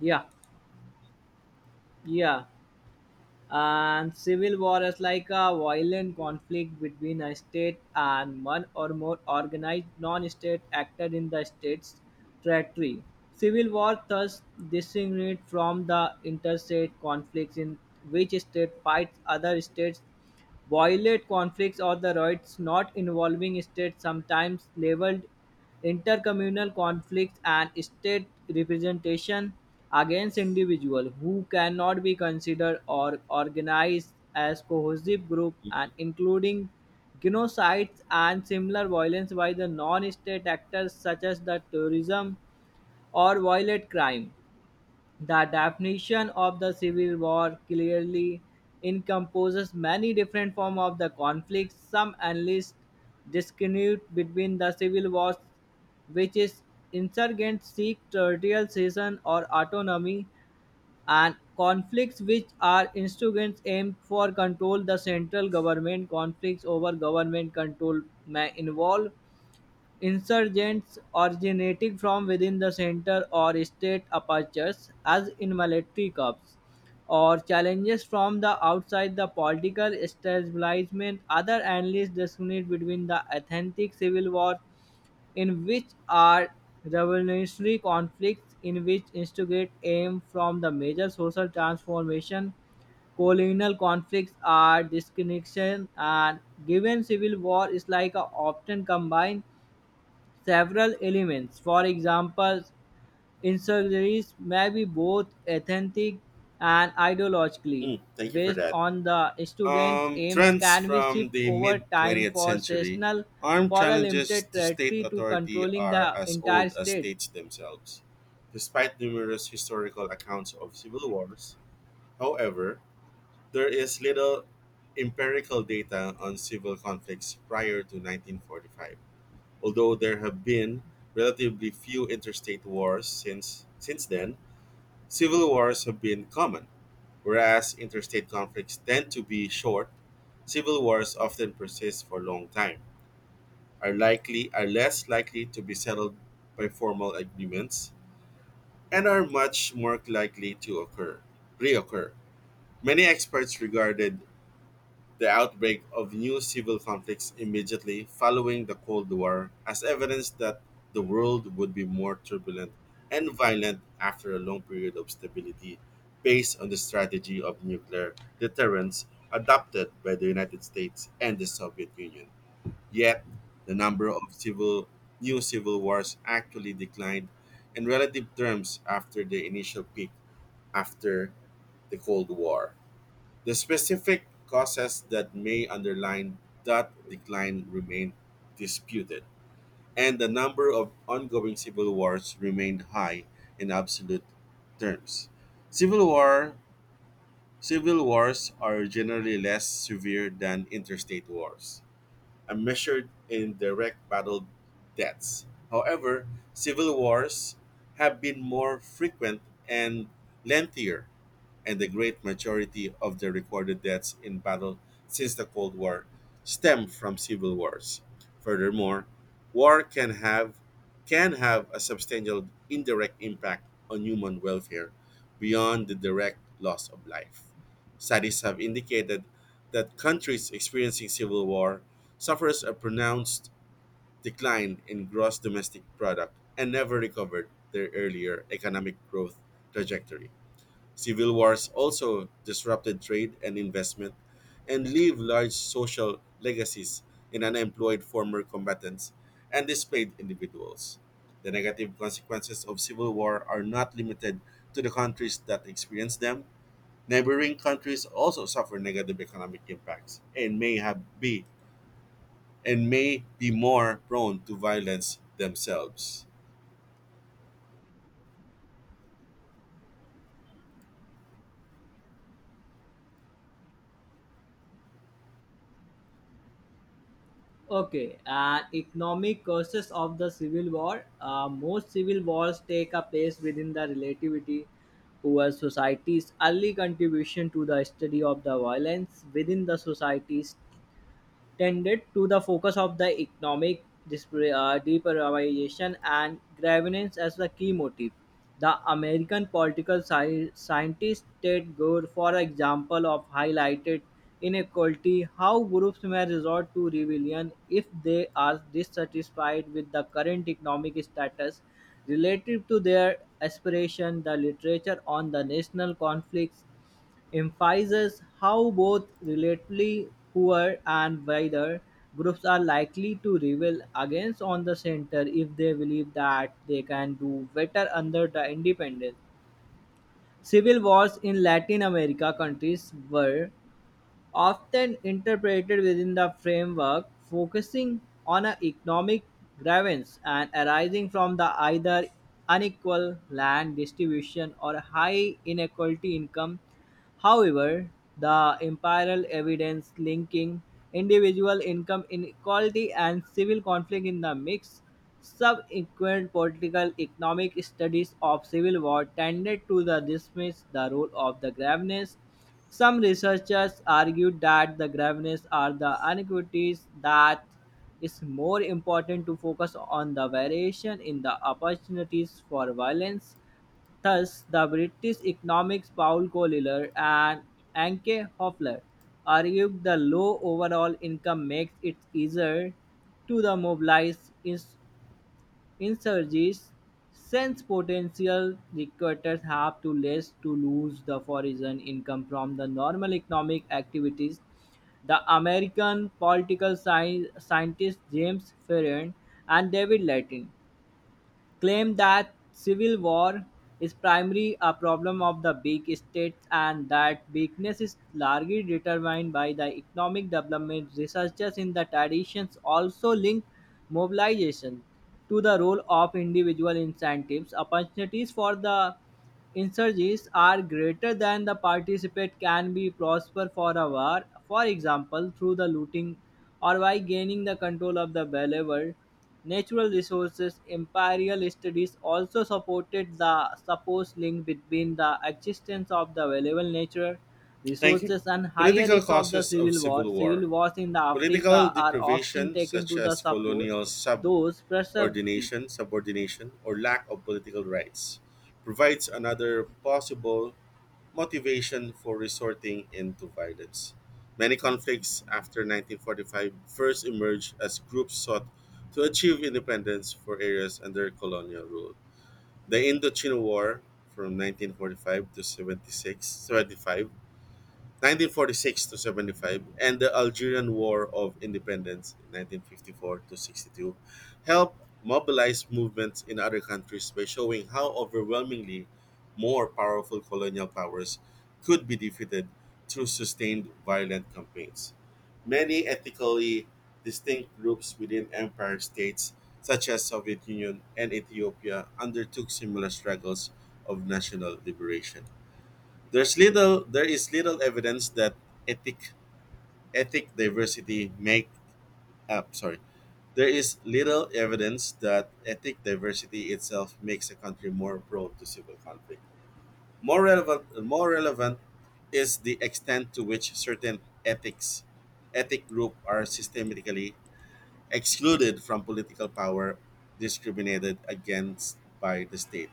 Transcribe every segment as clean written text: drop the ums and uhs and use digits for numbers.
Yeah, yeah. And civil war is like a violent conflict between a state and one or more organized non-state actor in the state's territory. Civil war thus distinguished from the interstate conflicts in which state fights other states. Violent conflicts or the rights not involving states sometimes labeled intercommunal conflicts and state representation against individuals who cannot be considered or organized as cohesive group and including genocides and similar violence by the non-state actors such as the terrorism or violent crime. The definition of the civil war clearly encompasses many different forms of the conflict. Some analysts distinguish between the civil wars, which is insurgents seek territorial cession or autonomy, and conflicts which are insurgents aim for control. The central government conflicts over government control may involve insurgents originating from within the center or state apertures, as in military coups, or challenges from the outside the political establishment. Other analysts discriminate between the authentic civil war in which are revolutionary conflicts in which instigate aim from the major social transformation, colonial conflicts are disconnection and given civil war is like a often combined several elements. For example, insurgeries may be both authentic and ideologically Mm, thank you for based that. on the student's aims Trends can be from shipped the over mid time 20th for century. seasonal Armed for a challenges limited to state territory to authority controlling are the as entire old as state. states themselves. Despite numerous historical accounts of civil wars, however, there is little empirical data on civil conflicts prior to 1945. Although there have been relatively few interstate wars since then, civil wars have been common. Whereas interstate conflicts tend to be short, civil wars often persist for a long time, are less likely to be settled by formal agreements, and are much more likely to occur reoccur. Many experts regarded the outbreak of new civil conflicts immediately following the Cold War as evidence that the world would be more turbulent and violent after a long period of stability based on the strategy of nuclear deterrence adopted by the United States and the Soviet Union. Yet, the number of civil new civil wars actually declined in relative terms after the initial peak after the Cold War. The specific causes that may underlie that decline remain disputed, and the number of ongoing civil wars remained high in absolute terms. Civil war civil wars are generally less severe than interstate wars, and measured in direct battle deaths. However, civil wars have been more frequent and lengthier, and the great majority of the recorded deaths in battle since the Cold War stem from civil wars. Furthermore, war can have a substantial indirect impact on human welfare beyond the direct loss of life. Studies have indicated that countries experiencing civil war suffers a pronounced decline in gross domestic product and never recovered their earlier economic growth trajectory. Civil wars also disrupted trade and investment, and leave large social legacies in unemployed former combatants and displaced individuals. The negative consequences of civil war are not limited to the countries that experience them. Neighboring countries also suffer negative economic impacts and may be more prone to violence themselves. Okay, and economic causes of the civil war. Most civil wars take a place within the relativity where society's early contribution to the study of the violence within the societies tended to the focus of the economic deprivation and grievance as the key motive. The American political scientist Ted Gore, for example, of highlighted inequality, how groups may resort to rebellion if they are dissatisfied with the current economic status relative to their aspiration. The literature on the national conflicts emphasizes how both relatively poor and wider groups are likely to rebel against on the center if they believe that they can do better under the independence. Civil wars in Latin America countries were often interpreted within the framework focusing on an economic grievance and arising from the either unequal land distribution or high inequality income. However, the empirical evidence linking individual income inequality and civil conflict in the mix, subsequent political economic studies of civil war tended to the dismiss the role of the graveness. Some researchers argued that the graveness are the inequities that is more important to focus on the variation in the opportunities for violence. Thus, the British economists Paul Collier and Anke Hoffler argued the low overall income makes it easier to the mobilize insurgents since potential recruiters have to less to lose the foreign income from the normal economic activities. The American political scientists James Ferrier and David Latin claimed that civil war is primarily a problem of the big states and that weakness is largely determined by the economic development. Researchers in the traditions also link mobilization to the role of individual incentives, opportunities for the insurges are greater than the participant can be prosper for a war, for example, through the looting or by gaining the control of the valuable natural resources. Imperial studies also supported the supposed link between the existence of the valuable natural Thank you. resources and higher Political risks of the causes of civil war. civil war. Civil wars in the Political Africa are often deprivation, taken such to the as support colonial those preserved. subordination, or lack of political rights, provides another possible motivation for resorting into violence. Many conflicts after 1945 first emerged as groups sought to achieve independence for areas under colonial rule. The Indochina War from 1945 to 76, seventy-five 1946 to 75, and the Algerian War of Independence 1954 to 62, helped mobilize movements in other countries by showing how overwhelmingly more powerful colonial powers could be defeated through sustained violent campaigns. Many ethnically distinct groups within empire states such as Soviet Union and Ethiopia undertook similar struggles of national liberation. There is little evidence that ethic ethic diversity make up. Sorry. There is little evidence that ethnic diversity itself makes a country more prone to civil conflict. More relevant is the extent to which certain ethics ethnic group are systematically excluded from political power, discriminated against by the state.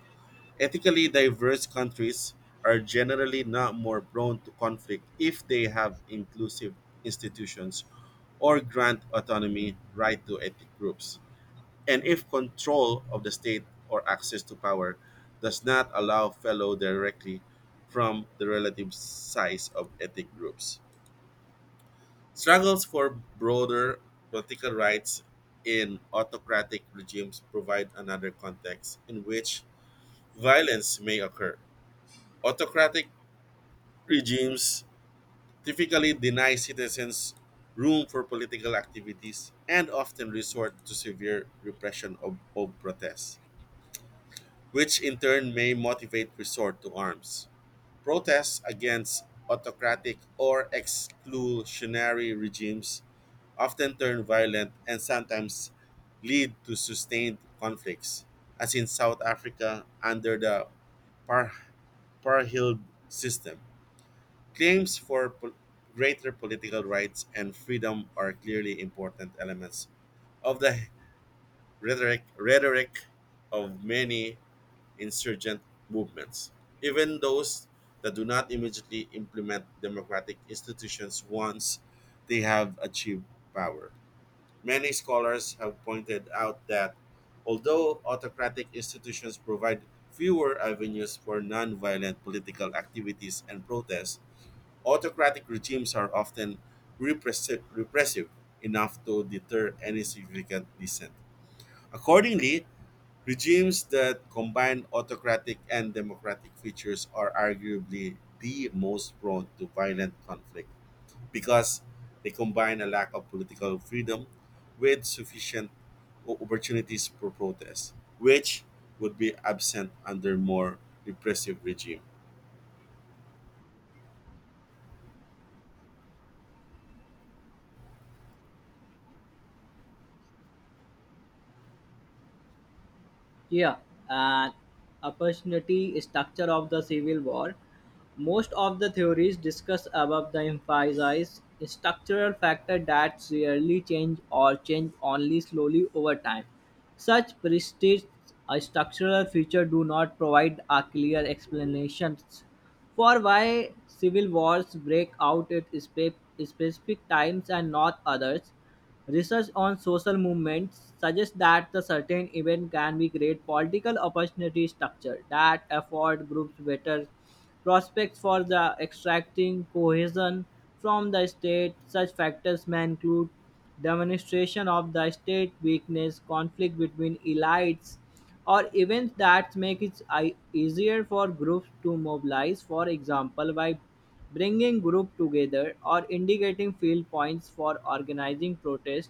Ethically diverse countries are generally not more prone to conflict if they have inclusive institutions or grant autonomy right to ethnic groups. And if control of the state or access to power does not allow fellow directly from the relative size of ethnic groups. Struggles for broader political rights in autocratic regimes provide another context in which violence may occur. Autocratic regimes typically deny citizens room for political activities, and often resort to severe repression of protests, which in turn may motivate resort to arms. Protests against autocratic or exclusionary regimes often turn violent and sometimes lead to sustained conflicts, as in South Africa under the Par- Parhild system. Claims for greater political rights and freedom are clearly important elements of the rhetoric of many insurgent movements. Even those that do not immediately implement democratic institutions once they have achieved power. Many scholars have pointed out that although autocratic institutions provide fewer avenues for nonviolent political activities and protests, autocratic regimes are often repressive enough to deter any significant dissent. Accordingly, regimes that combine autocratic and democratic features are arguably the most prone to violent conflict, because they combine a lack of political freedom with sufficient opportunities for protest, which would be absent under more repressive regime. Yeah, and opportunity structure of the civil war. Most of the theories discussed above the emphasize structural factor that rarely change or change only slowly over time. Such prestige structural feature do not provide a clear explanations for why civil wars break out at specific times and not others. Research on social movements suggests that the certain event can be create political opportunity structure that afford groups better prospects for the extracting cohesion from the state. Such factors may include demonstration of the state weakness, conflict between elites, or events that make it easier for groups to mobilize. For example, by bringing groups together or indicating field points for organizing protests.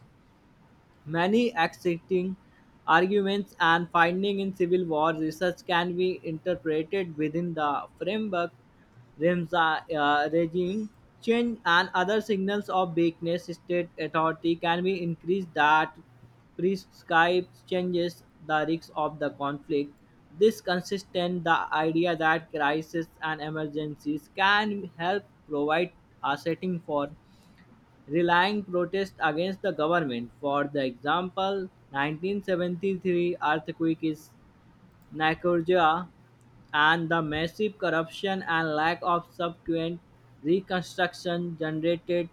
Many accepting arguments and findings in civil war research can be interpreted within the framework Ramsa, regime change and other signals of weakness state authority can be increased that prescribes changes the risks of the conflict. This consistent the idea that crises and emergencies can help provide a setting for relying protest against the government. For the example, 1973 earthquake is Nicaragua and the massive corruption and lack of subsequent reconstruction generated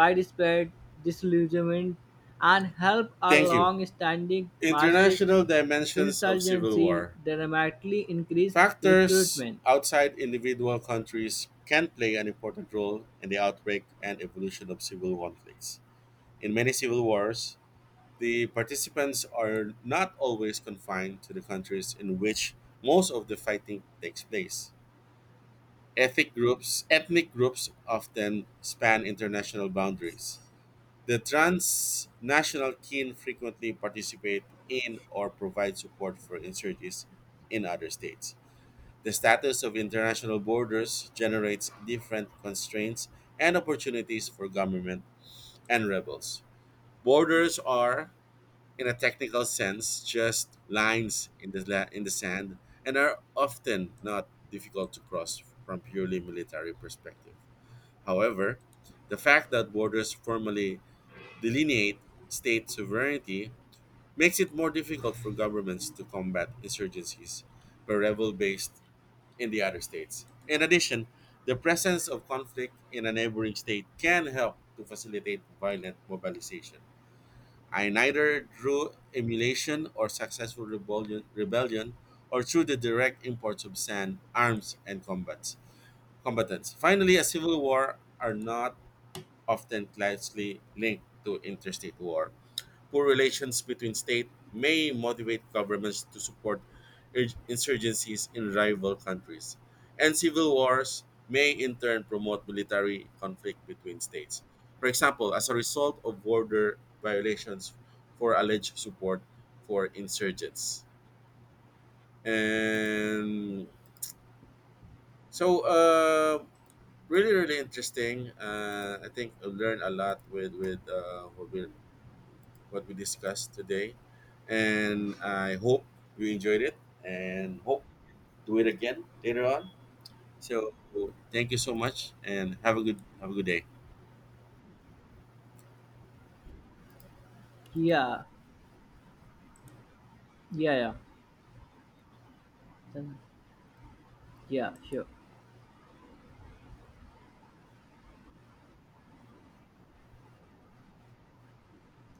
widespread disillusionment and helped a Thank you. long-standing Marxist International dimensions of civil insurgency war. dramatically increase Factors recruitment. outside individual countries can play an important role in the outbreak and evolution of civil conflicts. In many civil wars, the participants are not always confined to the countries in which most of the fighting takes place. Ethnic groups often span international boundaries. The transnational kin frequently participate in or provide support for insurgents in other states. The status of international borders generates different constraints and opportunities for government and rebels. Borders are, in a technical sense, just lines in in the sand, and are often not difficult to cross from purely military perspective. However, the fact that borders formally delineate state sovereignty makes it more difficult for governments to combat insurgencies by rebel based in the other states. In addition, the presence of conflict in a neighboring state can help to facilitate violent mobilization. I neither through emulation or successful rebellion, or through the direct imports of sand, arms, and combatants. Finally, a civil war are not often closely linked to interstate war. Poor relations between states may motivate governments to support insurgencies in rival countries, and civil wars may in turn promote military conflict between states. For example, as a result of border violations for alleged support for insurgents. And so, really, really interesting. I think I learned a lot with what we discussed today. And I hope you enjoyed it, and hope do it again later on. So thank you so much, and have a good day. Yeah, yeah, yeah, yeah, sure,